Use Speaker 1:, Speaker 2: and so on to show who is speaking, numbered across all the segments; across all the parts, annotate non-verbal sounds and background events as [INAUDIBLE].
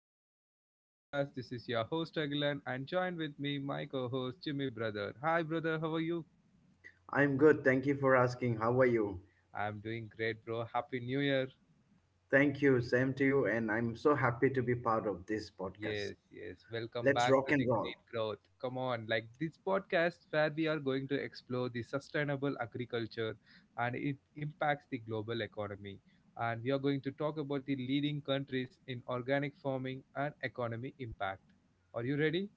Speaker 1: episode of my podcast. This is your host Agilan and joined with me my co-host Jimmy brother. Hi brother, how are you?
Speaker 2: I'm good. Thank you for asking. How are you?
Speaker 1: I'm doing great bro. Happy New Year.
Speaker 2: Thank you. Same to you. And I'm so happy to be part of this podcast.
Speaker 1: Yes, yes. Welcome
Speaker 2: Let's
Speaker 1: back
Speaker 2: rock
Speaker 1: to the
Speaker 2: and roll.
Speaker 1: Green Growth. Come on, like this podcast where we are going to explore the sustainable agriculture and it impacts the global economy. And we are going to talk about the leading countries in organic farming and economy impact. Are you ready?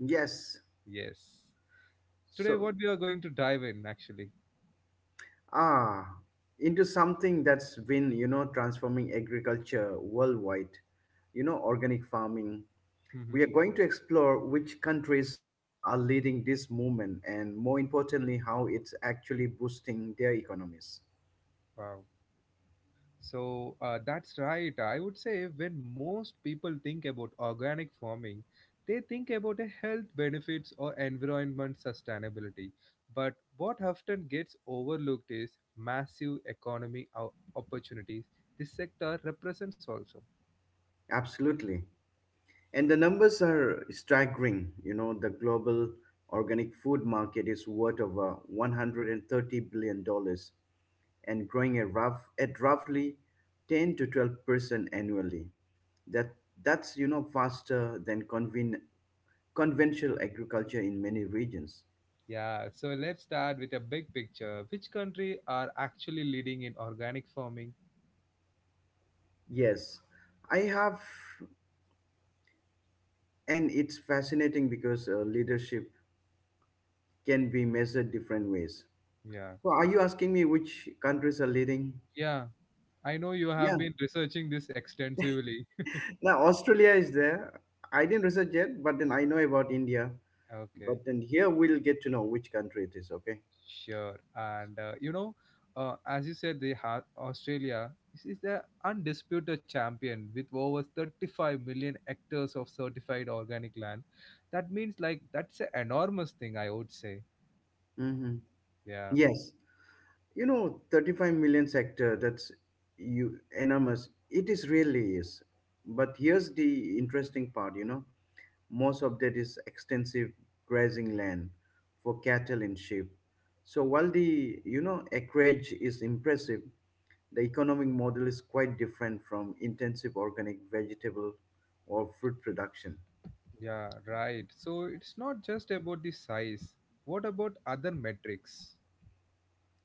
Speaker 2: Yes.
Speaker 1: Yes. Today
Speaker 2: So,
Speaker 1: what we are going to dive in actually
Speaker 2: ah, into something that's been transforming agriculture worldwide, organic farming.
Speaker 1: hmm
Speaker 2: We are going to explore which countries are leading this movement and, more importantly, how it's actually boosting their economies.
Speaker 1: wow, so that's right, I would say. When most people think about organic farming, they think about the health benefits or environment sustainability, but what often gets overlooked is massive economic opportunities. This sector represents also
Speaker 2: Absolutely. And the numbers are staggering. The global organic food market is worth over $130 billion dollars and growing at, roughly 10 to 12% annually. That, that's faster than conventional agriculture in many regions.
Speaker 1: yeah. So let's start with a big picture. Which country are actually leading in organic farming?
Speaker 2: Yes, I have, and it's fascinating because leadership can be measured different ways.
Speaker 1: Yeah.
Speaker 2: So, are you asking me which countries are leading?
Speaker 1: Yeah, I know you have
Speaker 2: Yeah.
Speaker 1: been researching this extensively.
Speaker 2: Now Australia is there. I didn't research yet, but then I know about India.
Speaker 1: Okay,
Speaker 2: But then here we'll get to know which country it is. Okay.
Speaker 1: sure. And you know, as you said, they have Australia is the undisputed champion with over 35 million hectares of certified organic land. That means like that's an enormous thing, I would say.
Speaker 2: hmm
Speaker 1: Yeah,
Speaker 2: Yes, 35 million sector. That's you enormous. It is really is. But here's the interesting part. Most of that is extensive grazing land for cattle and sheep. So while the acreage is impressive, the economic model is quite different from intensive organic vegetable or fruit production.
Speaker 1: yeah, right. So it's not just about the size. What about other metrics?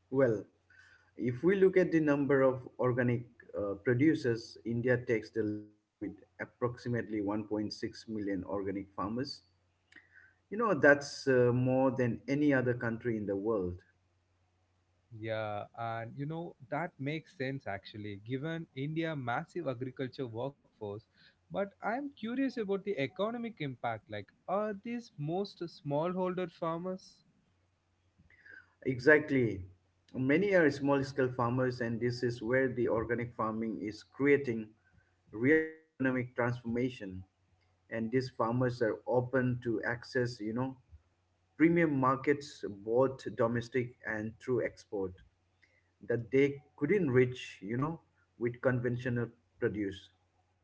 Speaker 2: Well, if we look at the number of organic producers, India takes the lead with approximately 1.6 million organic farmers. That's more than any other country in the world.
Speaker 1: Yeah, and you know, that makes sense actually, given India massive agriculture workforce. But I'm curious about the economic impact. Like, are these most smallholder farmers?
Speaker 2: Exactly. Many are small scale farmers, and this is where the organic farming is creating real economic transformation. And these farmers are open to access premium markets both domestic and through export that they couldn't reach with conventional produce.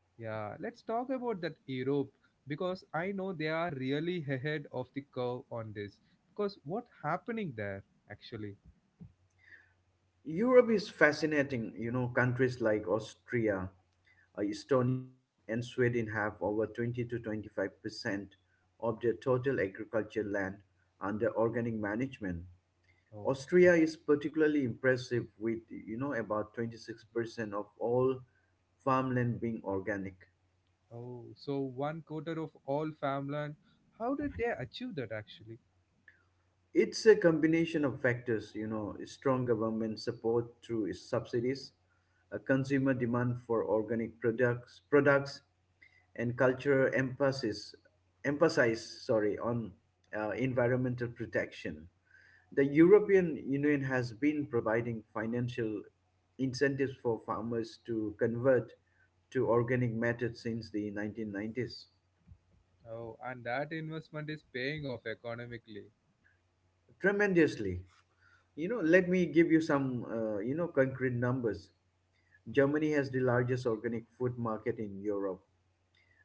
Speaker 1: Yeah, let's talk about that Europe, because I know they are really ahead of the curve on this. Because what happening there actually?
Speaker 2: Europe is fascinating. Countries like Austria, Estonia, and Sweden have over 20 to 25 percent of their total agricultural land under organic management.
Speaker 1: Oh.
Speaker 2: Austria is particularly impressive with about
Speaker 1: Mhm.
Speaker 2: 26% of all farmland being organic.
Speaker 1: Oh, so one quarter of all farmland. How did they achieve that actually?
Speaker 2: It's a combination of factors, strong government support through subsidies, a consumer demand for organic products, and cultural emphasis on environmental protection. The European Union has been providing financial incentives for farmers to convert to organic methods since the 1990s.
Speaker 1: Oh, and that investment is paying off economically.
Speaker 2: Tremendously. Let me give you some, concrete numbers. Germany has the largest organic food market in Europe,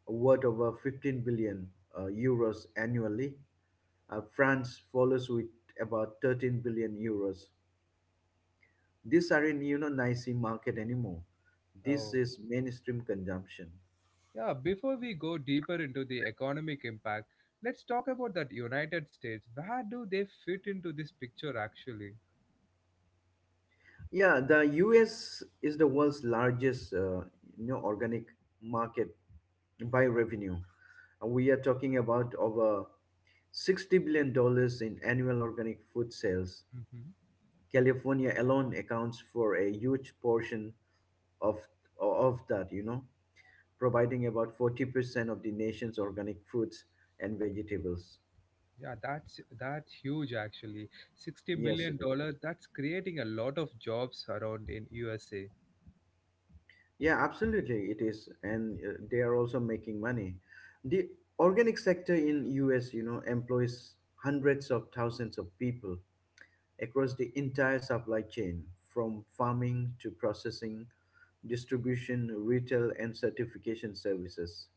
Speaker 2: worth over 15 billion euros annually. France follows with about 13 billion euros. These aren't unionizing market anymore. This
Speaker 1: Oh,
Speaker 2: is mainstream consumption.
Speaker 1: yeah. Before we go deeper into the economic impact, let's talk about that United States. Where do they fit into this picture actually?
Speaker 2: Yeah, the U.S. is the world's largest, organic market by revenue. We are talking about over $60 billion in annual organic food sales.
Speaker 1: hmm
Speaker 2: California alone accounts for a huge portion of of that. Providing about 40% of the nation's organic fruits and vegetables.
Speaker 1: Yeah, that's huge actually. Sixty
Speaker 2: Yes,
Speaker 1: million dollars. That's creating a lot of jobs around in USA.
Speaker 2: yeah, absolutely, it is, and they are also making money. The organic sector in US, employs hundreds of thousands of people across the entire supply chain, from farming to processing, distribution, retail, and certification services.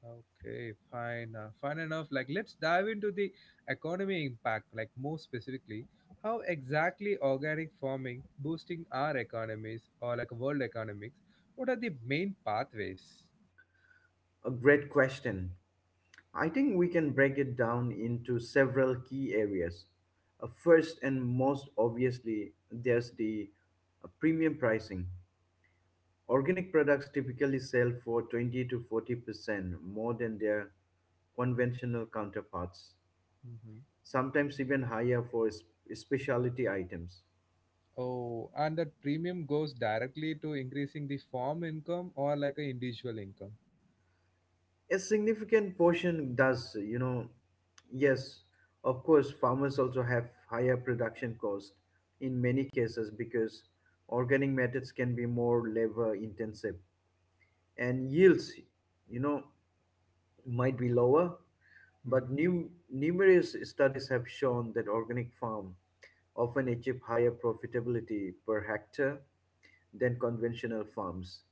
Speaker 1: Okay, fine. Fine enough. Like, let's dive into the economy impact, like, more specifically, how exactly organic farming boosting our economies or like world economics? What are the main pathways?
Speaker 2: A great question. I think we can break it down into several key areas. First and most obviously, there's the premium pricing. Organic products typically sell for 20 to 40% more than their conventional counterparts,
Speaker 1: hmm
Speaker 2: sometimes even higher for specialty items.
Speaker 1: Oh, and that premium goes directly to increasing the farm income or like a individual income.
Speaker 2: A significant portion does, yes, of course, farmers also have higher production cost in many cases because organic methods can be more labor intensive and yields, you know, might be lower.
Speaker 1: hmm
Speaker 2: But numerous studies have shown that organic farm often achieve higher profitability per hectare than conventional farms,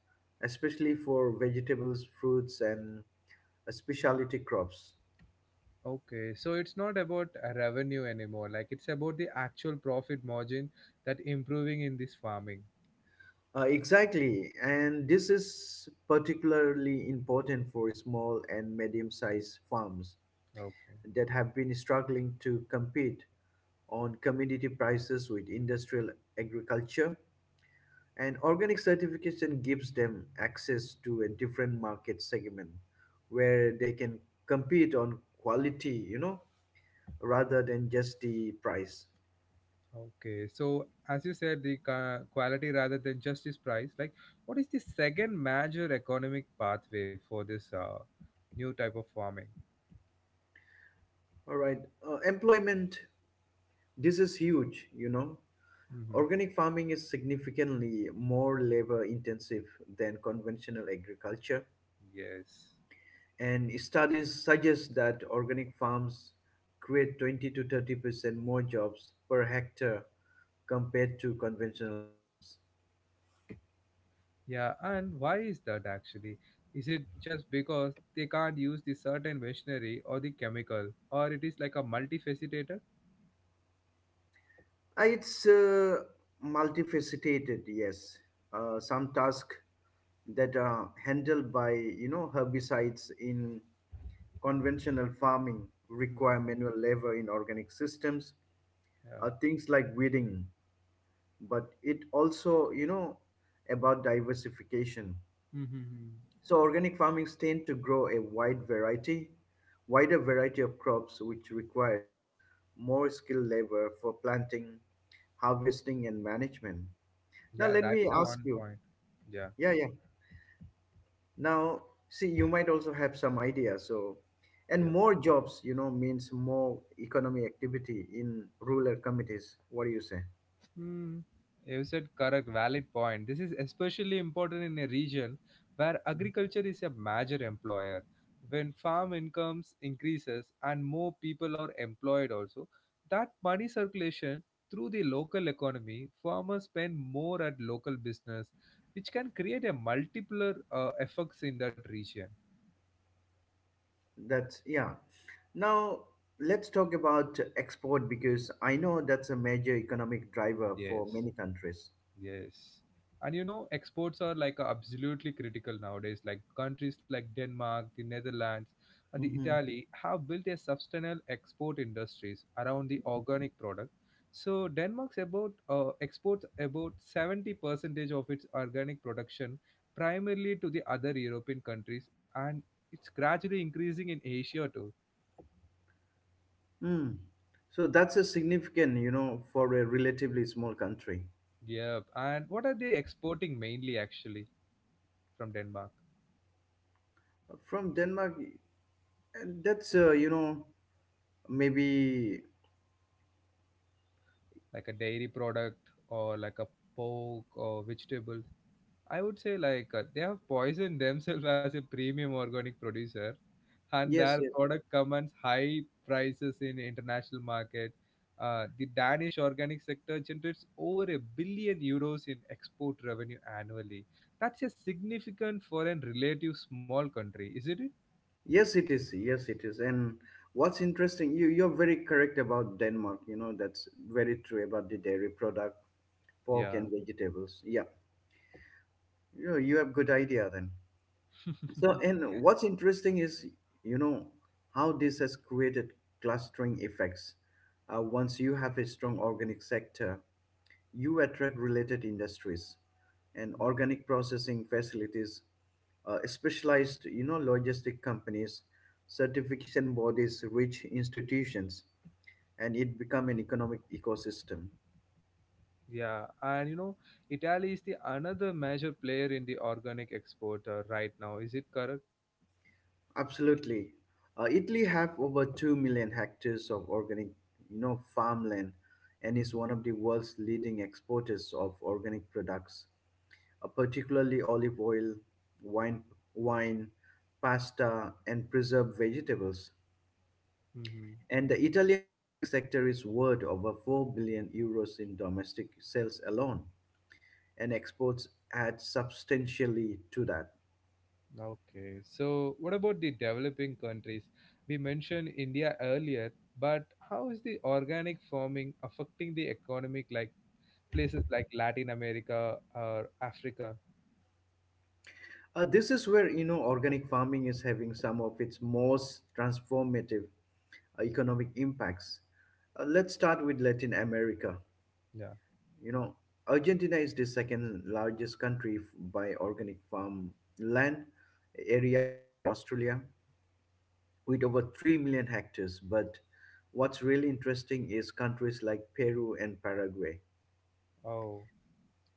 Speaker 2: especially for vegetables, fruits, and specialty crops.
Speaker 1: Okay, so it's not about revenue anymore. Like, it's about the actual profit margin that improving in this farming.
Speaker 2: Exactly, and this is particularly important for small and medium sized farms
Speaker 1: Okay.
Speaker 2: that have been struggling to compete on commodity prices with industrial agriculture. And organic certification gives them access to a different market segment where they can compete on quality, rather than just the price.
Speaker 1: Okay, so as you said, the quality rather than just this price, like what is the second major economic pathway for this new type of farming?
Speaker 2: All right. Employment, this is huge,
Speaker 1: hmm
Speaker 2: Organic farming is significantly more labor intensive than conventional agriculture.
Speaker 1: Yes.
Speaker 2: And studies suggest that organic farms create 20 to 30% more jobs per hectare compared to conventional farms.
Speaker 1: Yeah, and why is that actually? Is it just because they can't use the certain machinery or the chemical, or it is like a multifaceted?
Speaker 2: It's multifaceted, yes. Some tasks that are handled by herbicides in conventional farming
Speaker 1: hmm
Speaker 2: require manual labor in organic systems.
Speaker 1: Yeah.
Speaker 2: Things like weeding, but it also about diversification.
Speaker 1: hmm
Speaker 2: So organic farmings tend to grow a wider variety of crops which requires more skilled labor for planting, harvesting, and management. Now
Speaker 1: Yeah,
Speaker 2: let
Speaker 1: that's
Speaker 2: me
Speaker 1: the
Speaker 2: ask
Speaker 1: one
Speaker 2: you.
Speaker 1: point. Yeah,
Speaker 2: Yeah, yeah. Now see you might also have some idea. So and
Speaker 1: yeah.
Speaker 2: more jobs, means more economic activity in rural communities. What do you say?
Speaker 1: Hmm, you said correct, valid point. This is especially important in a region where agriculture is a major employer. When farm incomes increases and more people are employed also, that money circulation through the local economy, farmers spend more at local business, which can create a multiplier effects in that region.
Speaker 2: That's yeah. Now let's talk about export because I know that's a major economic driver for
Speaker 1: Yes.
Speaker 2: many countries.
Speaker 1: Yes. And you know, exports are like absolutely critical nowadays. Like countries like Denmark, the Netherlands, and the
Speaker 2: hmm
Speaker 1: Italy have built a substantial export industries around the organic product. So Denmark's about exports about 70 percentage of its organic production, primarily to the other European countries, and it's gradually increasing in Asia too.
Speaker 2: So that's a significant, for a relatively small country.
Speaker 1: Yep. And what are they exporting mainly actually from Denmark?
Speaker 2: From Denmark, and that's you know maybe
Speaker 1: Like a dairy product or like a pork or vegetable. I would say like they have poisoned [LAUGHS] themselves as a premium organic producer, and
Speaker 2: yes,
Speaker 1: their
Speaker 2: yes,
Speaker 1: product commands high prices in international market. The Danish organic sector generates over €1 billion in export revenue annually. That's a significant for foreign relative small country, isn't it?
Speaker 2: yes, it is, yes, it is. And what's interesting, you're very correct about Denmark. That's very true about the dairy product, pork,
Speaker 1: Yeah.
Speaker 2: and vegetables. Yeah, you have good idea then. So, and what's interesting is, you know, how this has created clustering effects. Once you have a strong organic sector, you attract related industries and organic
Speaker 1: [LAUGHS]
Speaker 2: processing facilities, specialized, logistic companies, certification bodies, rich institutions, and it become an economic ecosystem.
Speaker 1: Yeah, and you know, Italy is the another major player in the organic export right now. Is it correct?
Speaker 2: Absolutely. Italy have over 2 million hectares of organic, farmland and is
Speaker 1: Mm-hmm.
Speaker 2: one of the world's leading exporters of organic products, particularly olive oil, wine, wine, pasta, and preserved vegetables.
Speaker 1: Mm-hmm.
Speaker 2: And the Italian organic sector is worth over 4 billion euros in domestic sales alone, and exports add substantially to that.
Speaker 1: Okay. So, what about the developing countries? We mentioned India earlier, but how is the organic farming affecting the economic, like places like Latin America or Africa?
Speaker 2: This is where organic farming is having some of its most transformative economic impacts. Let's start with Latin America.
Speaker 1: Yeah.
Speaker 2: You know, Argentina is the second largest country by organic farm land area after Australia, with over 3 million hectares. But what's really interesting is countries like Peru and Paraguay.
Speaker 1: Oh.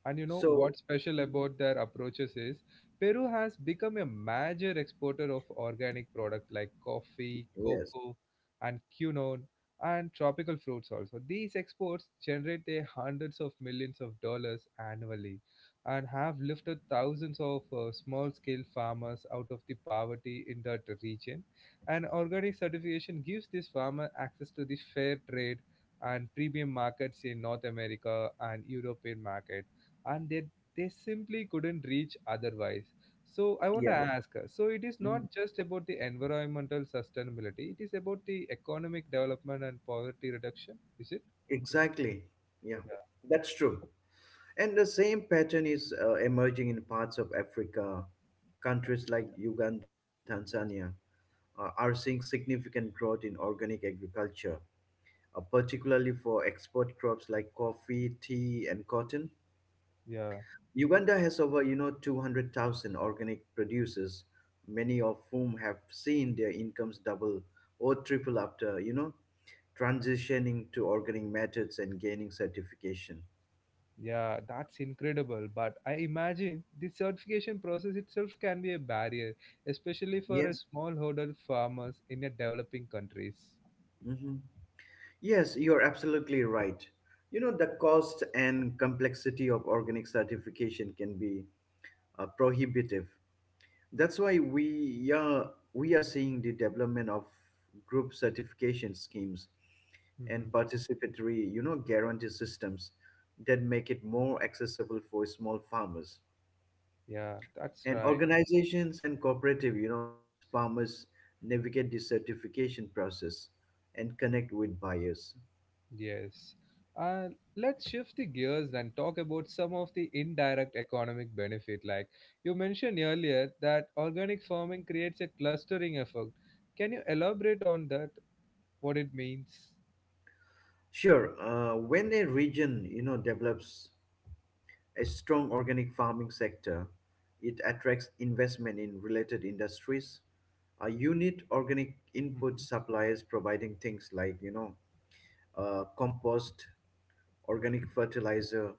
Speaker 1: And you know
Speaker 2: So,
Speaker 1: what's special
Speaker 2: mm,
Speaker 1: about their approaches is Peru has become a major exporter of organic products like coffee,
Speaker 2: yes,
Speaker 1: cocoa, and quinoa and tropical fruits also. These exports generate a hundreds of millions of dollars annually and have lifted thousands of small-scale farmers out of the poverty in that region. And organic certification gives these farmers access to the fair trade and premium markets in North America and European market, and they simply couldn't reach otherwise. So I want
Speaker 2: yeah,
Speaker 1: to yeah ask, so it is
Speaker 2: mm,
Speaker 1: not just about the environmental sustainability, it is about the economic development and poverty reduction, is it?
Speaker 2: exactly, yeah, that's true. And the same pattern is emerging in parts of Africa. Countries like Uganda and Tanzania are seeing significant growth in organic agriculture, particularly for export crops like coffee, tea, and cotton.
Speaker 1: Yeah,
Speaker 2: Uganda has over, 200,000 organic producers, many of whom have seen their incomes double or triple after, transitioning to organic methods and gaining certification.
Speaker 1: yeah, that's incredible. But I imagine the certification process itself can be a barrier, especially for a
Speaker 2: Yes.
Speaker 1: smallholder farmers in a developing countries.
Speaker 2: hmm Yes, you're absolutely right. The cost and complexity of organic certification can be prohibitive. That's why we are seeing the development of group certification schemes
Speaker 1: hmm
Speaker 2: and participatory, guarantee systems that make it more accessible for small farmers.
Speaker 1: Yeah, that's
Speaker 2: And
Speaker 1: right.
Speaker 2: organizations and cooperative, helps farmers navigate the certification process and connect with buyers.
Speaker 1: Yes. Uh, let's shift the gears and talk about some of the indirect economic benefit. Like you mentioned earlier, that organic farming creates a clustering effect. Can you elaborate on that? What it means?
Speaker 2: Sure. When a region, develops a strong organic farming sector, it attracts investment in related industries. A unit organic input
Speaker 1: Mhm.
Speaker 2: suppliers providing things like, compost, organic fertilizer,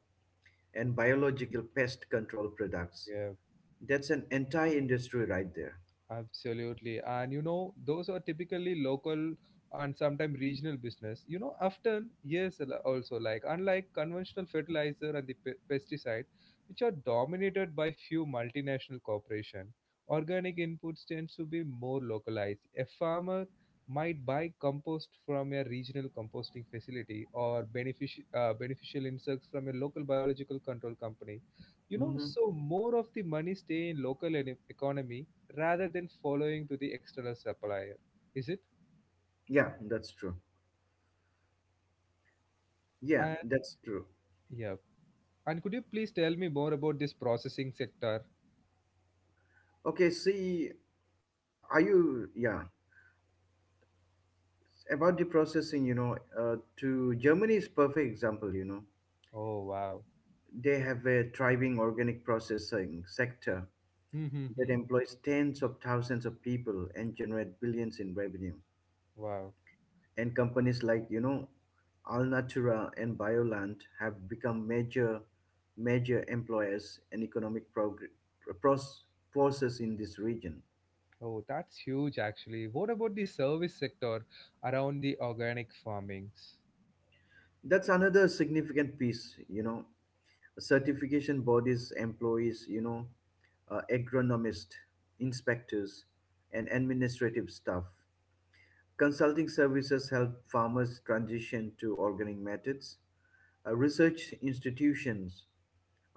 Speaker 2: and biological pest control products.
Speaker 1: Yeah.
Speaker 2: That's an entire industry right there.
Speaker 1: Absolutely. And you know, those are typically local and sometimes regional business. You know, often, yes, also like unlike conventional fertilizer and the pesticide, which are dominated by few multinational corporation, organic inputs tends to be more localized. A farmer might buy compost from a regional composting facility or beneficial insects from a local biological control company. You know,
Speaker 2: Mm-hmm.
Speaker 1: so more of the money stay in local economy rather than following to the external supplier. Is it?
Speaker 2: Yeah, that's true. Yeah,
Speaker 1: And
Speaker 2: that's true.
Speaker 1: yeah. And could you please tell me more about this processing sector?
Speaker 2: Okay, see, uh, are you? Yeah, about the processing. You know to Germany is perfect example.
Speaker 1: Oh wow.
Speaker 2: They have a thriving organic processing sector that
Speaker 1: Mm-hmm.
Speaker 2: employs tens of thousands of people and generate billions in revenue.
Speaker 1: Wow.
Speaker 2: And companies like Alnatura and Bioland have become major employers and economic pro- pros- forces in this region.
Speaker 1: Oh, that's huge actually. What about the service sector around the organic farmings?
Speaker 2: That's another significant piece. Certification bodies employees, agronomists, inspectors, and administrative staff. Consulting services help farmers transition to organic methods. Research institutions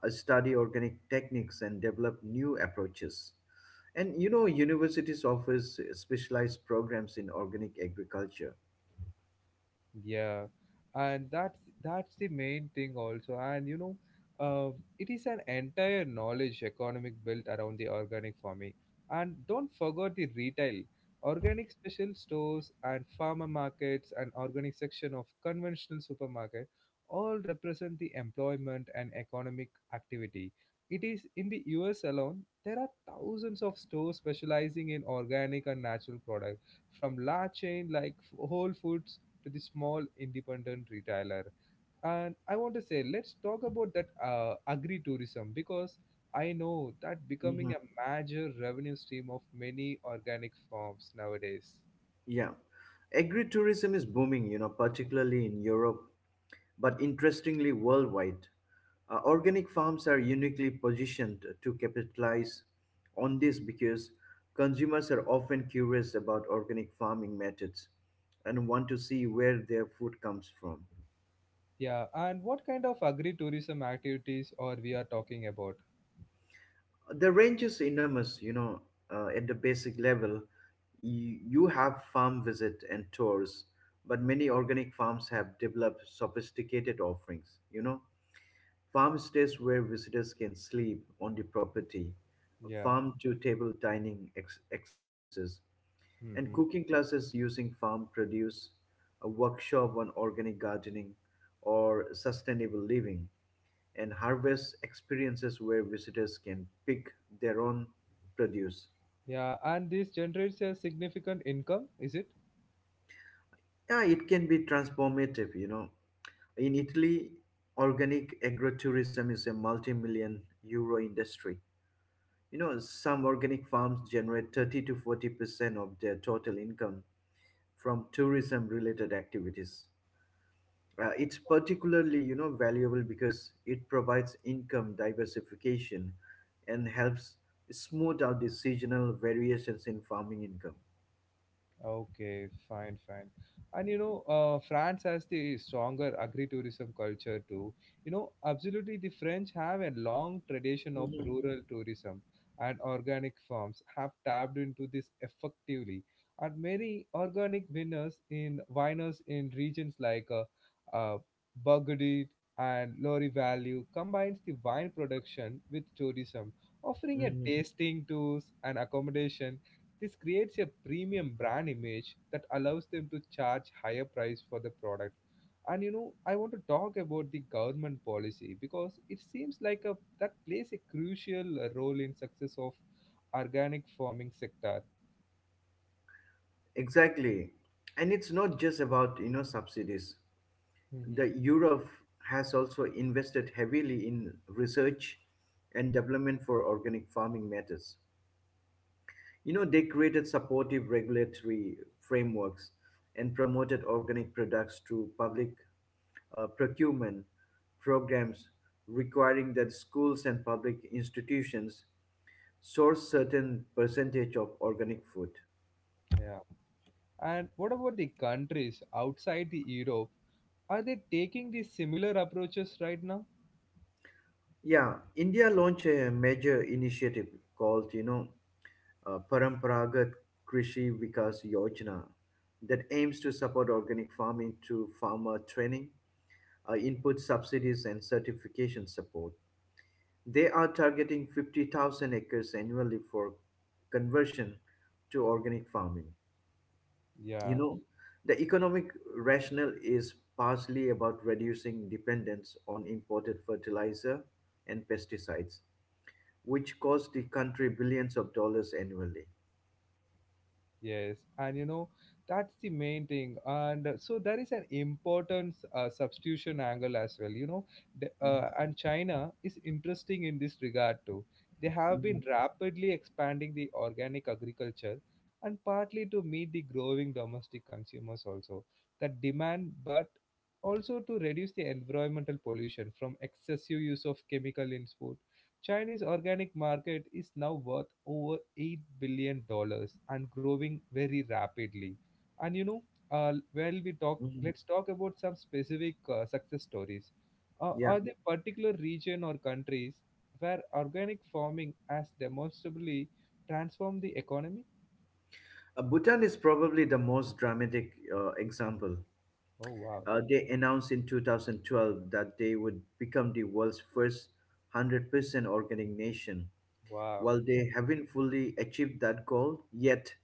Speaker 2: study organic techniques and develop new approaches, and universities offers specialized programs in organic agriculture.
Speaker 1: Yeah, and that's the main thing also. And you know, uh, it is an entire knowledge economic built around the organic farming. And don't forget the retail, organic special stores and farmer markets and organic section of conventional supermarket all represent the employment and economic activity. It is in the US alone, there are thousands of stores specializing in organic and natural products, from large chain like Whole Foods to the small independent retailer. And I want to say, let's talk about that agri tourism, because I know that becoming
Speaker 2: Mhm.
Speaker 1: a major revenue stream of many organic farms nowadays.
Speaker 2: Yeah, agritourism is booming. Particularly in Europe, but interestingly worldwide. Organic farms are uniquely positioned to capitalize on this because consumers are often curious about organic farming methods and want to see where their food comes from.
Speaker 1: Yeah, and what kind of agri tourism activities or we are talking about?
Speaker 2: The range is enormous, at the basic level. You have farm visit and tours, but many organic farms have developed sophisticated offerings, farmstays where visitors can sleep on the property,
Speaker 1: Yeah.
Speaker 2: farm-to-table experiences, and
Speaker 1: hmm
Speaker 2: cooking classes using farm produce, a workshop on organic gardening or sustainable living, and harvest experiences where visitors can pick their own produce.
Speaker 1: Yeah, and this generates a significant income, is it?
Speaker 2: Yeah, it can be transformative, In Italy, organic agrotourism is a multi-million euro industry. Some organic farms generate 30 to 40% of their total income from tourism related activities. It's particularly, valuable because it provides income diversification and helps smooth out the seasonal variations in farming income.
Speaker 1: Okay, fine, fine. And you know, France has the stronger agri-tourism culture too. You know, absolutely, the French have a long tradition of
Speaker 2: Mhm.
Speaker 1: rural tourism, and organic farms have tapped into this effectively. And many organic winners in viners in regions like uh, Burgundy and Lorry Valley combines the wine production with tourism, offering a
Speaker 2: Mhm.
Speaker 1: tasting tours and accommodation. This creates a premium brand image that allows them to charge higher price for the product. And you know, I want to talk about the government policy because it seems like a that plays a crucial role in success of organic farming sector.
Speaker 2: Exactly. And it's not just about, subsidies. The
Speaker 1: hmm
Speaker 2: Europe has also invested heavily in research and development for organic farming methods. They created supportive regulatory frameworks and promoted organic products through public procurement programs requiring that schools and public institutions source certain percentage of organic food.
Speaker 1: Yeah. And what about the countries outside the Europe? Are they taking these similar approaches right now?
Speaker 2: Yeah, India launched a major initiative called, Paramparagat Krishi Vikas Yojana that aims to support organic farming through farmer training, input subsidies, and certification support. They are targeting 50,000 acres annually for conversion to organic farming. You
Speaker 1: Yeah.
Speaker 2: know, the economic rationale is partially about reducing dependence on imported fertilizer and pesticides, which cost the country billions of dollars annually.
Speaker 1: Yes, and you know, that's the main thing. And so there is an important substitution angle as well, you know.
Speaker 2: Mhm,
Speaker 1: And China is interesting in this regard too. They have
Speaker 2: mhm,
Speaker 1: been rapidly expanding the organic agriculture, and partly to meet the growing domestic consumers also that demand, but also to reduce the environmental pollution from excessive use of chemical in food. Chinese organic market is now worth over 8 billion dollars and growing very rapidly. And you know, while we talk,
Speaker 2: mhm.
Speaker 1: let's talk about some specific success stories.
Speaker 2: Yeah.
Speaker 1: Are there particular region or countries where organic farming has demonstrably transformed the economy?
Speaker 2: Bhutan is probably the most dramatic example.
Speaker 1: Oh wow,
Speaker 2: They announced in 2012 that they would become the world's first 100% organic nation.
Speaker 1: wow.
Speaker 2: While they haven't fully achieved that goal yet,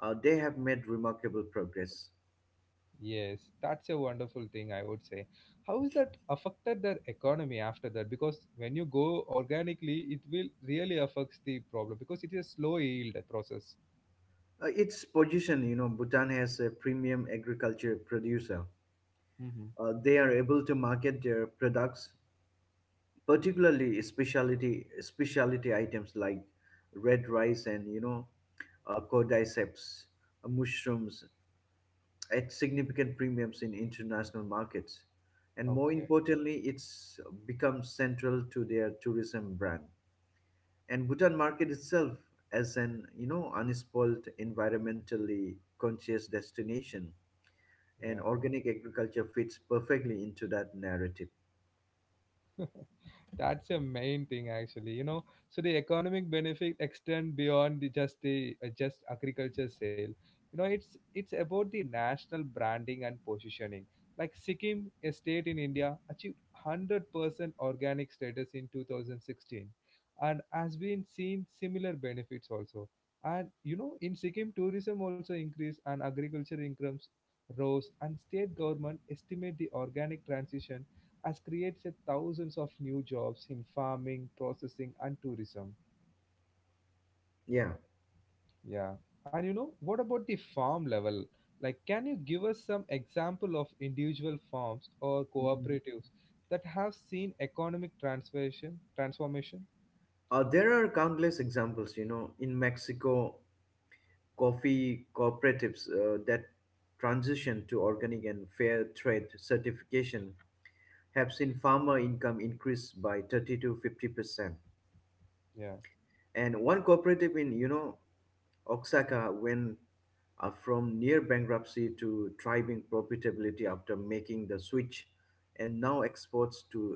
Speaker 2: they have made remarkable progress.
Speaker 1: Yes, that's a wonderful thing, I would say. How is that affected their economy after that? Because when you go organically, it will really affects the problem because it is a slow yield process.
Speaker 2: Its position, Bhutan has a premium agriculture producer.
Speaker 1: hmm
Speaker 2: They are able to market their products, particularly specialty items like red rice and, cordyceps, mushrooms, at significant premiums in international markets. And more
Speaker 1: Okay,
Speaker 2: importantly, it's become central to their tourism brand. And Bhutan market itself as an, unspoiled environmentally conscious destination, and
Speaker 1: yeah.
Speaker 2: organic agriculture fits perfectly into that narrative.
Speaker 1: That's a main thing actually, you know. So the economic benefit extend beyond the just agriculture sale. You know, it's about the national branding and positioning. Like Sikkim, a state in India, achieved 100% organic status in 2016 and has been seen similar benefits also. And you know, in Sikkim, tourism also increased and agriculture incomes rose and state government estimate the organic transition has created thousands of new jobs in farming, processing, and tourism.
Speaker 2: Yeah.
Speaker 1: Yeah. And you know, what about the farm level? Like, can you give us some example of individual farms or
Speaker 2: Mhm.
Speaker 1: cooperatives that have seen economic transformation? Transformation?
Speaker 2: There are countless examples, in Mexico, coffee cooperatives that transition to organic and fair trade certification have seen farmer income increase by 30 to 50%.
Speaker 1: Yeah.
Speaker 2: And one cooperative in, Osaka went from near bankruptcy to thriving profitability after making the switch, and now exports to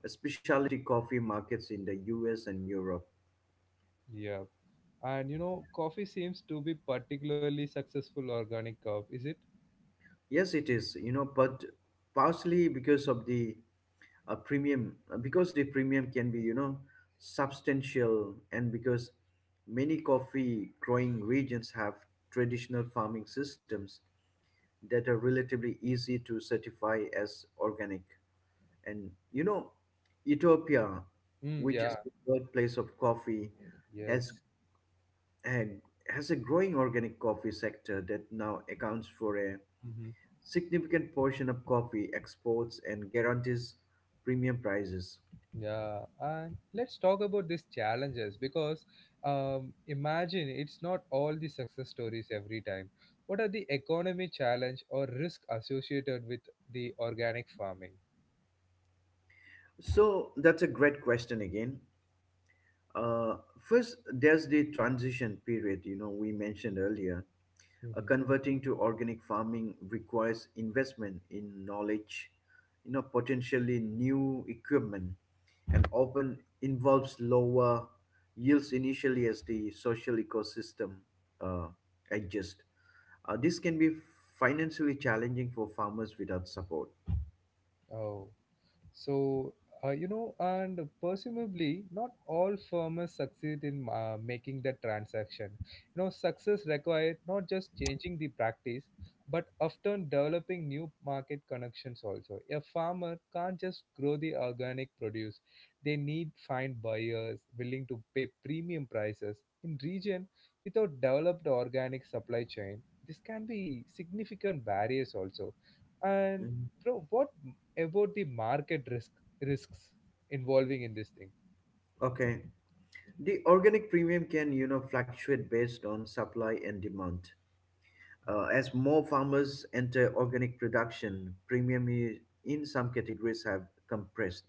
Speaker 2: specialty coffee markets in the U.S. and Europe.
Speaker 1: Yeah. And you know, coffee seems to be particularly successful organic crop, is it?
Speaker 2: Yes, it is, but partially because of the a premium, because the premium can be, substantial, and because many coffee growing regions have traditional farming systems that are relatively easy to certify as organic. And, Ethiopia,
Speaker 1: Mm,
Speaker 2: which
Speaker 1: yeah.
Speaker 2: is the birthplace of coffee, has
Speaker 1: Yes.
Speaker 2: and has a growing organic coffee sector that now accounts for a
Speaker 1: Mm-hmm.
Speaker 2: significant portion of coffee exports and guarantees premium prices.
Speaker 1: Yeah, and let's talk about these challenges because imagine it's not all the success stories every time. What are the economy challenge or risk associated with the organic farming?
Speaker 2: So that's a great question again. First, there's the transition period, we mentioned earlier. Converting to organic farming requires investment in knowledge, potentially new equipment, and often involves lower yields initially as the social ecosystem uh, adjusts. This can be financially challenging for farmers without support.
Speaker 1: Oh, so you know, and presumably, not all firms succeed in making the transaction. You know, success required not just changing the practice, but often developing new market connections also. A farmer can't just grow the organic produce; they need find buyers willing to pay premium prices in region without developed organic supply chain. This can be significant barriers also. And
Speaker 2: Mhm.
Speaker 1: bro, what about the market risks involving in this thing.
Speaker 2: Okay. The organic premium can, fluctuate based on supply and demand. As more farmers enter organic production, premium in some categories have compressed.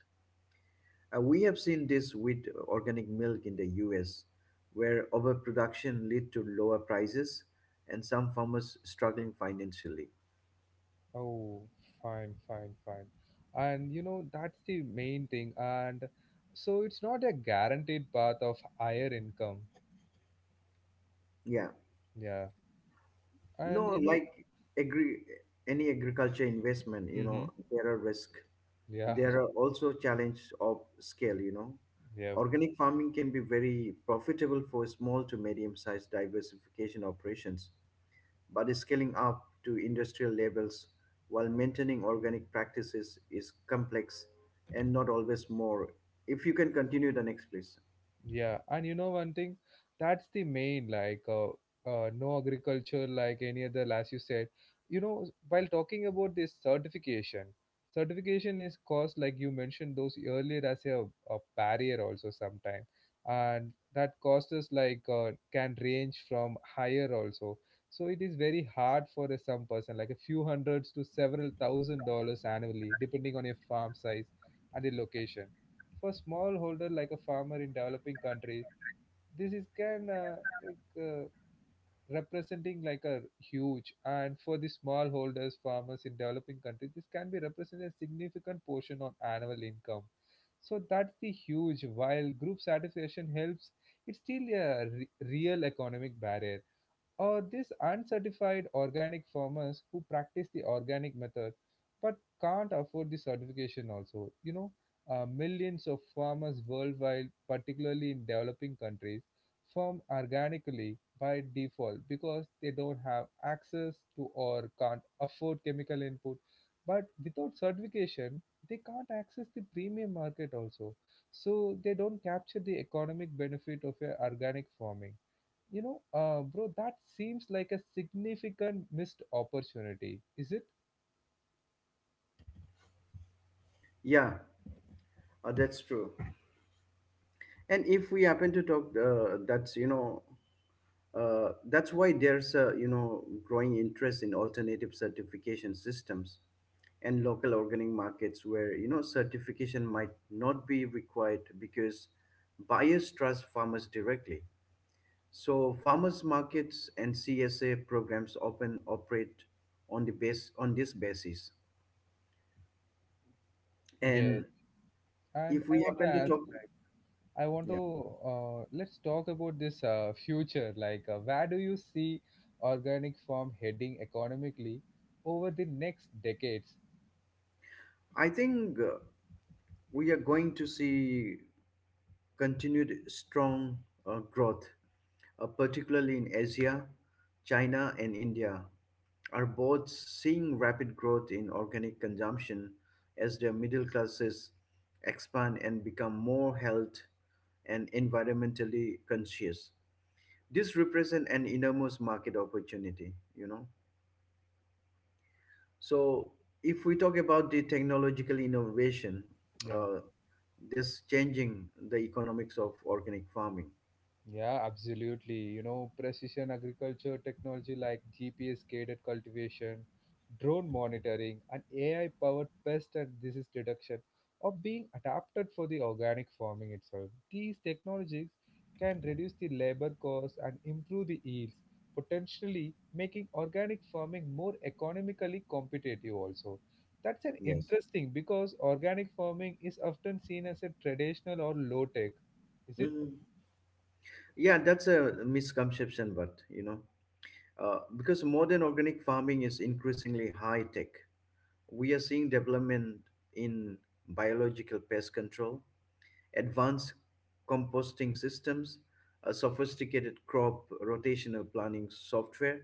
Speaker 2: We have seen this with organic milk in the US, where overproduction lead to lower prices and some farmers struggling financially.
Speaker 1: Oh, fine, fine, fine. And you know, that's the main thing, and so it's not a guaranteed path of higher income.
Speaker 2: Yeah.
Speaker 1: Yeah, and
Speaker 2: No,
Speaker 1: you know.
Speaker 2: like agri any agriculture investment,
Speaker 1: Hmm,
Speaker 2: there are risk.
Speaker 1: yeah.
Speaker 2: There are also challenge of scale,
Speaker 1: [LAUGHS] Yeah.
Speaker 2: Organic farming can be very profitable for small to medium-sized diversification operations, but scaling up to industrial levels while maintaining organic practices is complex and not always more. If you can continue the next, please.
Speaker 1: Yeah, and you know one thing, that's the main like no agriculture like any other as you said. You know, while talking about this certification, certification is caused like you mentioned those earlier as a barrier also sometime, and that causes like can range from higher also. So it is very hard for some person like a few hundreds to several $1,000s annually, depending on your farm size and the location for smallholder like a farmer in developing countries. This is can like uh, representing like a huge and for the smallholders farmers in developing countries, this can be representing a significant portion on annual income. So that's the huge, while group satisfaction helps, it's still a real economic barrier or these uncertified organic farmers who practice the organic method but can't afford the certification also. You know, millions of farmers worldwide, particularly in developing countries, farm organically by default because they don't have access to or can't afford chemical input. But without certification, they can't access the premium market also. So they don't capture the economic benefit of a organic farming, you know, bro, that seems like a significant missed opportunity, is it?
Speaker 2: Yeah, that's true. And if we happen to talk, that's, you know, that's why there's a, growing interest in alternative certification systems and local organic markets where, certification might not be required because buyers trust farmers directly. So farmers markets and CSA programs often operate on the base on this basis. And
Speaker 1: Yes. And
Speaker 2: if
Speaker 1: I
Speaker 2: we
Speaker 1: want
Speaker 2: happen
Speaker 1: to
Speaker 2: to
Speaker 1: ask,
Speaker 2: talk
Speaker 1: like, I want
Speaker 2: Yeah,
Speaker 1: to let's talk about this future. Like, where do you see organic farm heading economically over the next decades?
Speaker 2: I think we are going to see continued strong growth, particularly in Asia. China and India are both seeing rapid growth in organic consumption as their middle classes expand and become more health and environmentally conscious. This represents an enormous market opportunity, So, if we talk about the technological innovation,
Speaker 1: Yeah.
Speaker 2: uh, that's changing the economics of organic farming.
Speaker 1: Yeah, absolutely. You know, precision agriculture technology like GPS guided cultivation, drone monitoring, and AI powered pest and disease detection are being adapted for the organic farming itself. These technologies can reduce the labor costs and improve the yields, potentially making organic farming more economically competitive also. That's an
Speaker 2: Yes.
Speaker 1: interesting because organic farming is often seen as a traditional or low tech, is it?
Speaker 2: Mhm. Yeah, that's a misconception, but you know, because modern organic farming is increasingly high tech, we are seeing development in biological pest control, advanced composting systems, a sophisticated crop rotational planning software,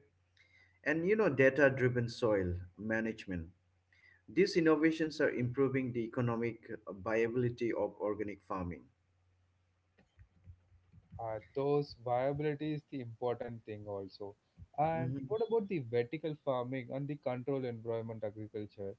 Speaker 2: and, data-driven soil management. These innovations are improving the economic viability of organic farming.
Speaker 1: Those viability is the important thing also. And
Speaker 2: Mhm.
Speaker 1: what about the vertical farming and the control environment agriculture?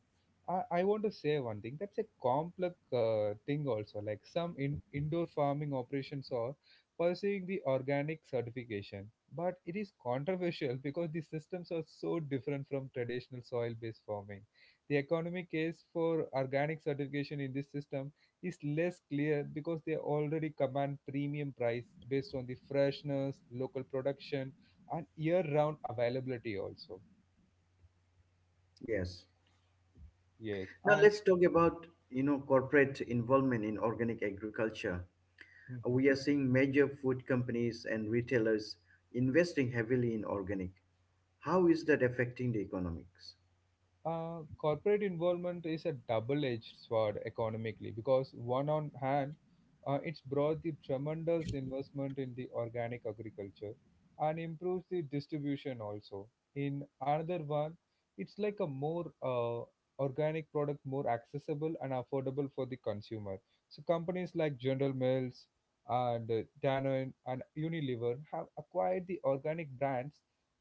Speaker 1: I want to say one thing. That's a complex thing also. Like some indoor farming operations are pursuing the organic certification, but it is controversial [LAUGHS] because the systems are so different from traditional soil-based farming. The economic case for organic certification in this system is less clear because they already command premium price based on the freshness, local production, and year-round availability also.
Speaker 2: Yes.
Speaker 1: Yes.
Speaker 2: Now
Speaker 1: And
Speaker 2: let's talk about, corporate involvement in organic agriculture.
Speaker 1: mhm.
Speaker 2: We are seeing major food companies and retailers investing heavily in organic. How is that affecting the economics?
Speaker 1: Corporate involvement is a double-edged sword economically because one on hand, it's brought the tremendous investment in the organic agriculture and improves the distribution also. In another one, it's like a more organic product more accessible and affordable for the consumer. So companies like General Mills and Danone and Unilever have acquired the organic brands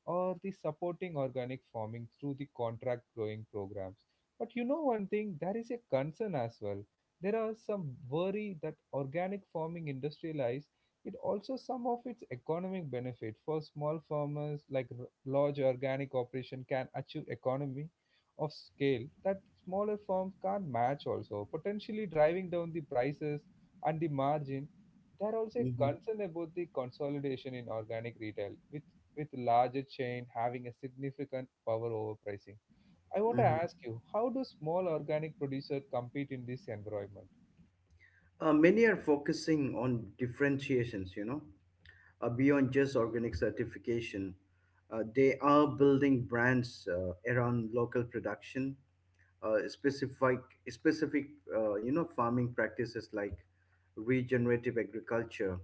Speaker 1: or the supporting organic farming through the contract growing programs. But you know one thing, there is a concern as well. There are some worry that organic farming industrialized it also some of its economic benefit for small farmers, like large organic operation can achieve economy of scale that smaller firms can't match also, potentially driving down the prices and the margin. There are also a
Speaker 2: Mhm.
Speaker 1: concern about the consolidation in organic retail with larger chain having a significant power over pricing. I want to
Speaker 2: Mhm.
Speaker 1: ask you, how do small organic producers compete in this environment?
Speaker 2: Many are focusing on differentiations, beyond just organic certification. They are building brands around local production, uh, specific, specific, farming practices like regenerative agriculture,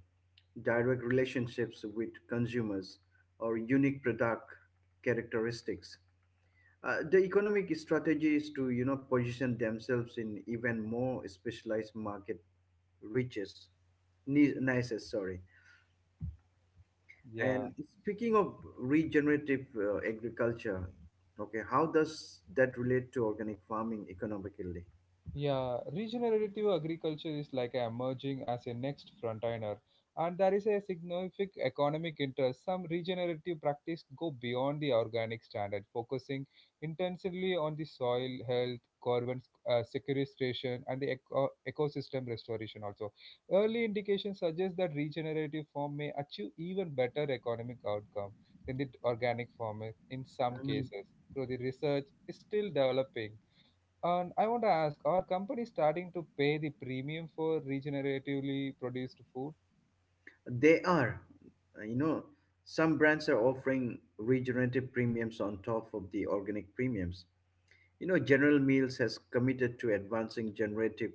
Speaker 2: direct relationships with consumers, or unique product characteristics. The economic strategy is to, position themselves in even more specialized market reaches. Nices, sorry.
Speaker 1: Yeah.
Speaker 2: And speaking of regenerative agriculture, okay, how does that relate to organic farming economically?
Speaker 1: Yeah, regenerative agriculture is like emerging as a next frontliner, and there is a significant economic interest. Some regenerative practices go beyond the organic standard, focusing intensively on the soil health, carbon sequestration, and the ecosystem restoration. Also, early indications suggest that regenerative form may achieve even better economic outcome than the organic form in some cases. Though the research is still developing. And I want to ask, are companies starting to pay the premium for regeneratively produced food?
Speaker 2: They are, uh, you know, some brands are offering regenerative premiums on top of the organic premiums. General Mills has committed to advancing generative,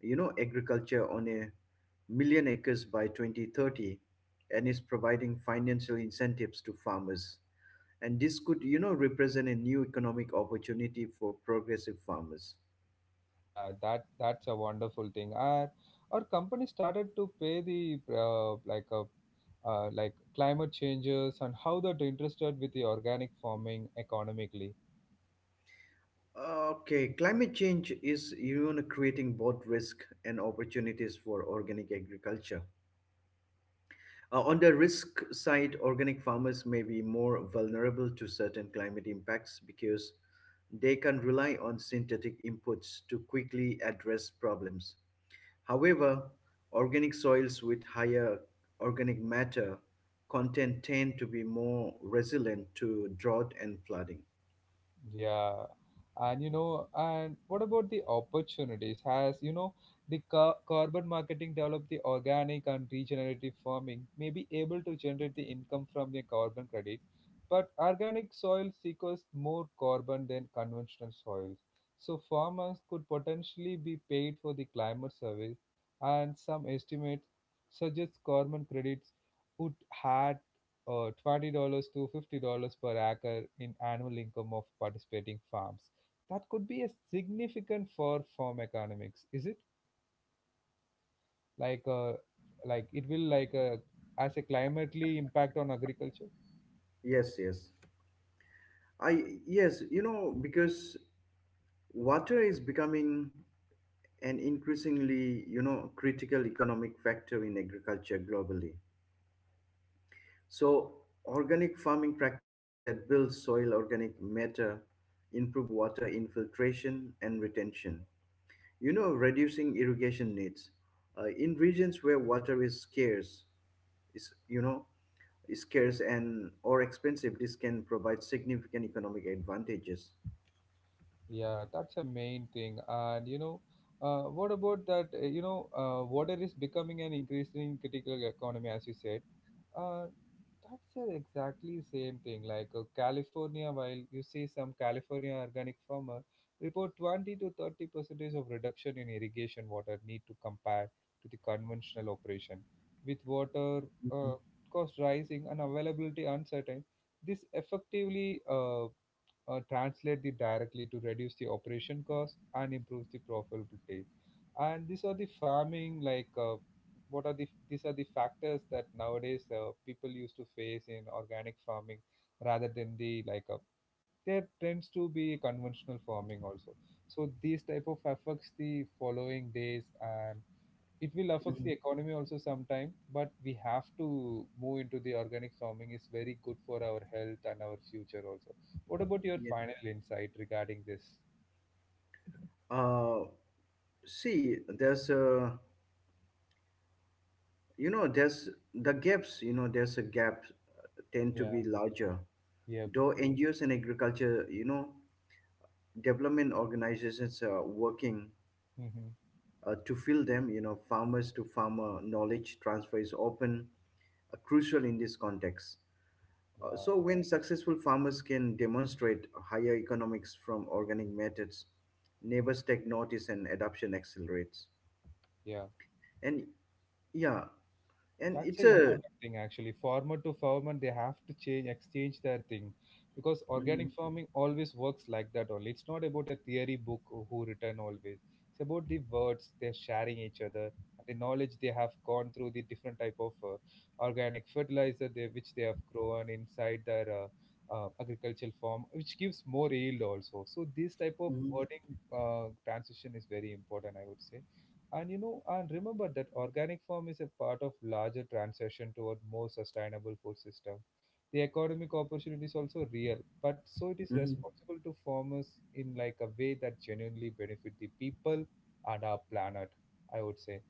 Speaker 2: agriculture on a million acres by 2030 and is providing financial incentives to farmers. And this could, represent a new economic opportunity for progressive farmers.
Speaker 1: Yeah, that's a wonderful thing. Are companies started to pay the like a like climate changes and how that interested with the organic farming economically?
Speaker 2: Okay, climate change is, creating both risk and opportunities for organic agriculture. On the risk side, organic farmers may be more vulnerable to certain climate impacts because they can rely on synthetic inputs to quickly address problems. However, organic soils with higher organic matter content tend to be more resilient to drought and flooding.
Speaker 1: Yeah, and you know, and what about the opportunities? Has you know the carbon marketing developed the organic and regenerative farming may be able to generate the income from the carbon credit, but organic soil sequesters more carbon than conventional soils. So farmers could potentially be paid for the climate service, and some estimates suggest carbon credits would add $20 to $50 per acre in annual income of participating farms. That could be a significant for farm economics, is it? Like, uh, like it will like as a climately impact on agriculture.
Speaker 2: Yes, yes. I yes, you know, Because water is becoming an increasingly, critical economic factor in agriculture globally. So, organic farming practices that build soil organic matter improve water infiltration and retention, reducing irrigation needs. In regions where water is scarce, is you know, is scarce and or expensive, this can provide significant economic advantages.
Speaker 1: Yeah, that's a main thing. And you know, what about that? You know, water is becoming an increasingly critical economy, as you said. Uh, That's the exactly same thing. Like California, while you see some California organic farmer report 20 to 30 percentage of reduction in irrigation water need to compare to the conventional operation. With water uh,
Speaker 2: Mhm,
Speaker 1: cost rising and availability uncertain, this effectively translate it directly to reduce the operation cost and improve the profitability. And these are the farming like what are the these are the factors that nowadays people used to face in organic farming rather than the like there tends to be conventional farming also. So these type of affects the following days, and it will affect
Speaker 2: mhm.
Speaker 1: the economy also sometime, but we have to move into the organic farming is very good for our health and our future also. What about your
Speaker 2: Yeah.
Speaker 1: final insight regarding this?
Speaker 2: Uh, See, there's the gaps. You know, there's a gap Tend to
Speaker 1: Yeah.
Speaker 2: be larger.
Speaker 1: Yeah.
Speaker 2: Though NGOs and agriculture, development organizations are working
Speaker 1: Hmm.
Speaker 2: to fill them. Farmers to farmer knowledge transfer is often crucial in this context.
Speaker 1: Yeah.
Speaker 2: So, when successful farmers can demonstrate higher economics from organic methods,
Speaker 1: Mm.
Speaker 2: neighbors take notice and adoption accelerates.
Speaker 1: Yeah.
Speaker 2: And yeah, and
Speaker 1: That's
Speaker 2: it's
Speaker 1: a
Speaker 2: a
Speaker 1: important thing actually, farmer to farmer, they have to change exchange their thing because
Speaker 2: Mhm,
Speaker 1: organic farming always works like that only. It's not about a theory book or who written always, it's about the words they're sharing each other and the knowledge they have gone through the different type of organic fertilizer they, which they have grown inside their agricultural farm, which gives more yield also. So this type of
Speaker 2: mhm,
Speaker 1: wording transition is very important, I would say. And you know, and remember that organic farm is a part of larger transition toward more sustainable food system. The economic opportunity is also real, but so it is
Speaker 2: mhm.
Speaker 1: responsible to farmers in like a way that genuinely benefit the people and our planet, I would say.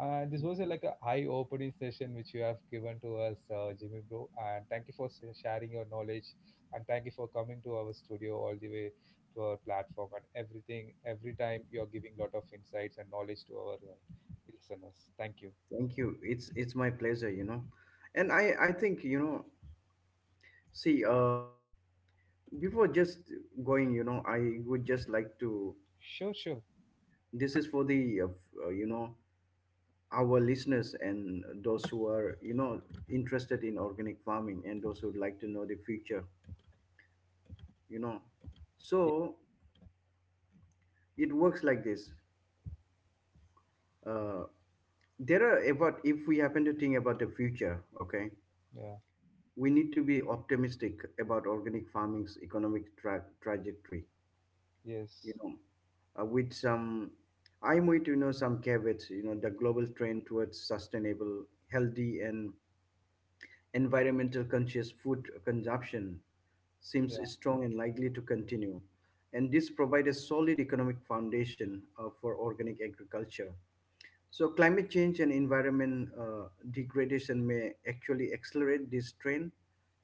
Speaker 1: This was a, like a eye-opening session which you have given to us, Jimmy bro, and thank you for sharing your knowledge and thank you for coming to our studio all the way to our platform and everything. Every time you're giving lot of insights and knowledge to our listeners. Thank you.
Speaker 2: Thank you. It's my pleasure. You know, and
Speaker 1: Yeah.
Speaker 2: I think you know. See, before just going, I would just like to,
Speaker 1: Sure, sure.
Speaker 2: this is for the f- you know our listeners and those who are, interested in organic farming, and those who would like to know the future, you know so it works like this. Uh, there are about If we happen to think about the future, okay,
Speaker 1: Yeah.
Speaker 2: we need to be optimistic about organic farming's economic trajectory, you
Speaker 1: Yes.
Speaker 2: know, with some, I'm with you know some caveats. The global trend towards sustainable, healthy, and environmental conscious food consumption seems
Speaker 1: Yeah.
Speaker 2: strong and likely to continue. And this provides a solid economic foundation for organic agriculture. So, climate change and environment degradation may actually accelerate this trend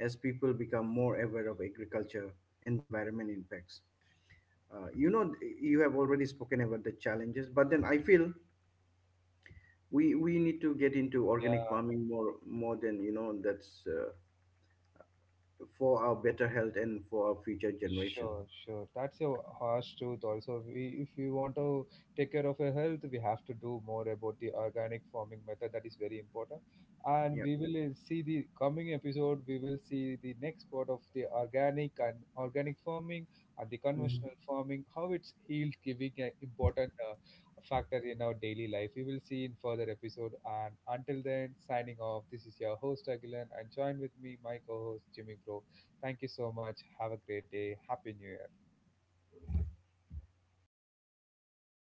Speaker 2: as people become more aware of agriculture environment impacts. uh, you know you have already spoken about the challenges, but then I feel we need to get into organic
Speaker 1: Yeah.
Speaker 2: farming more than, that's for our better health and for our future generation.
Speaker 1: Sure, sure. That's a harsh truth. Also, we, if we want to take care of our health, we have to do more about the organic farming method. That is very important. And
Speaker 2: Yeah.
Speaker 1: we will see the coming episode. We will see the next part of the organic and organic farming and the conventional
Speaker 2: Mm-hmm.
Speaker 1: farming. How it's healed, giving an important factor in our daily life. We will see in further episode. And until then, signing off. This is your host Agilan, and join with me, my co-host Jimmy Bro. Thank you so much. Have a great day. Happy New Year.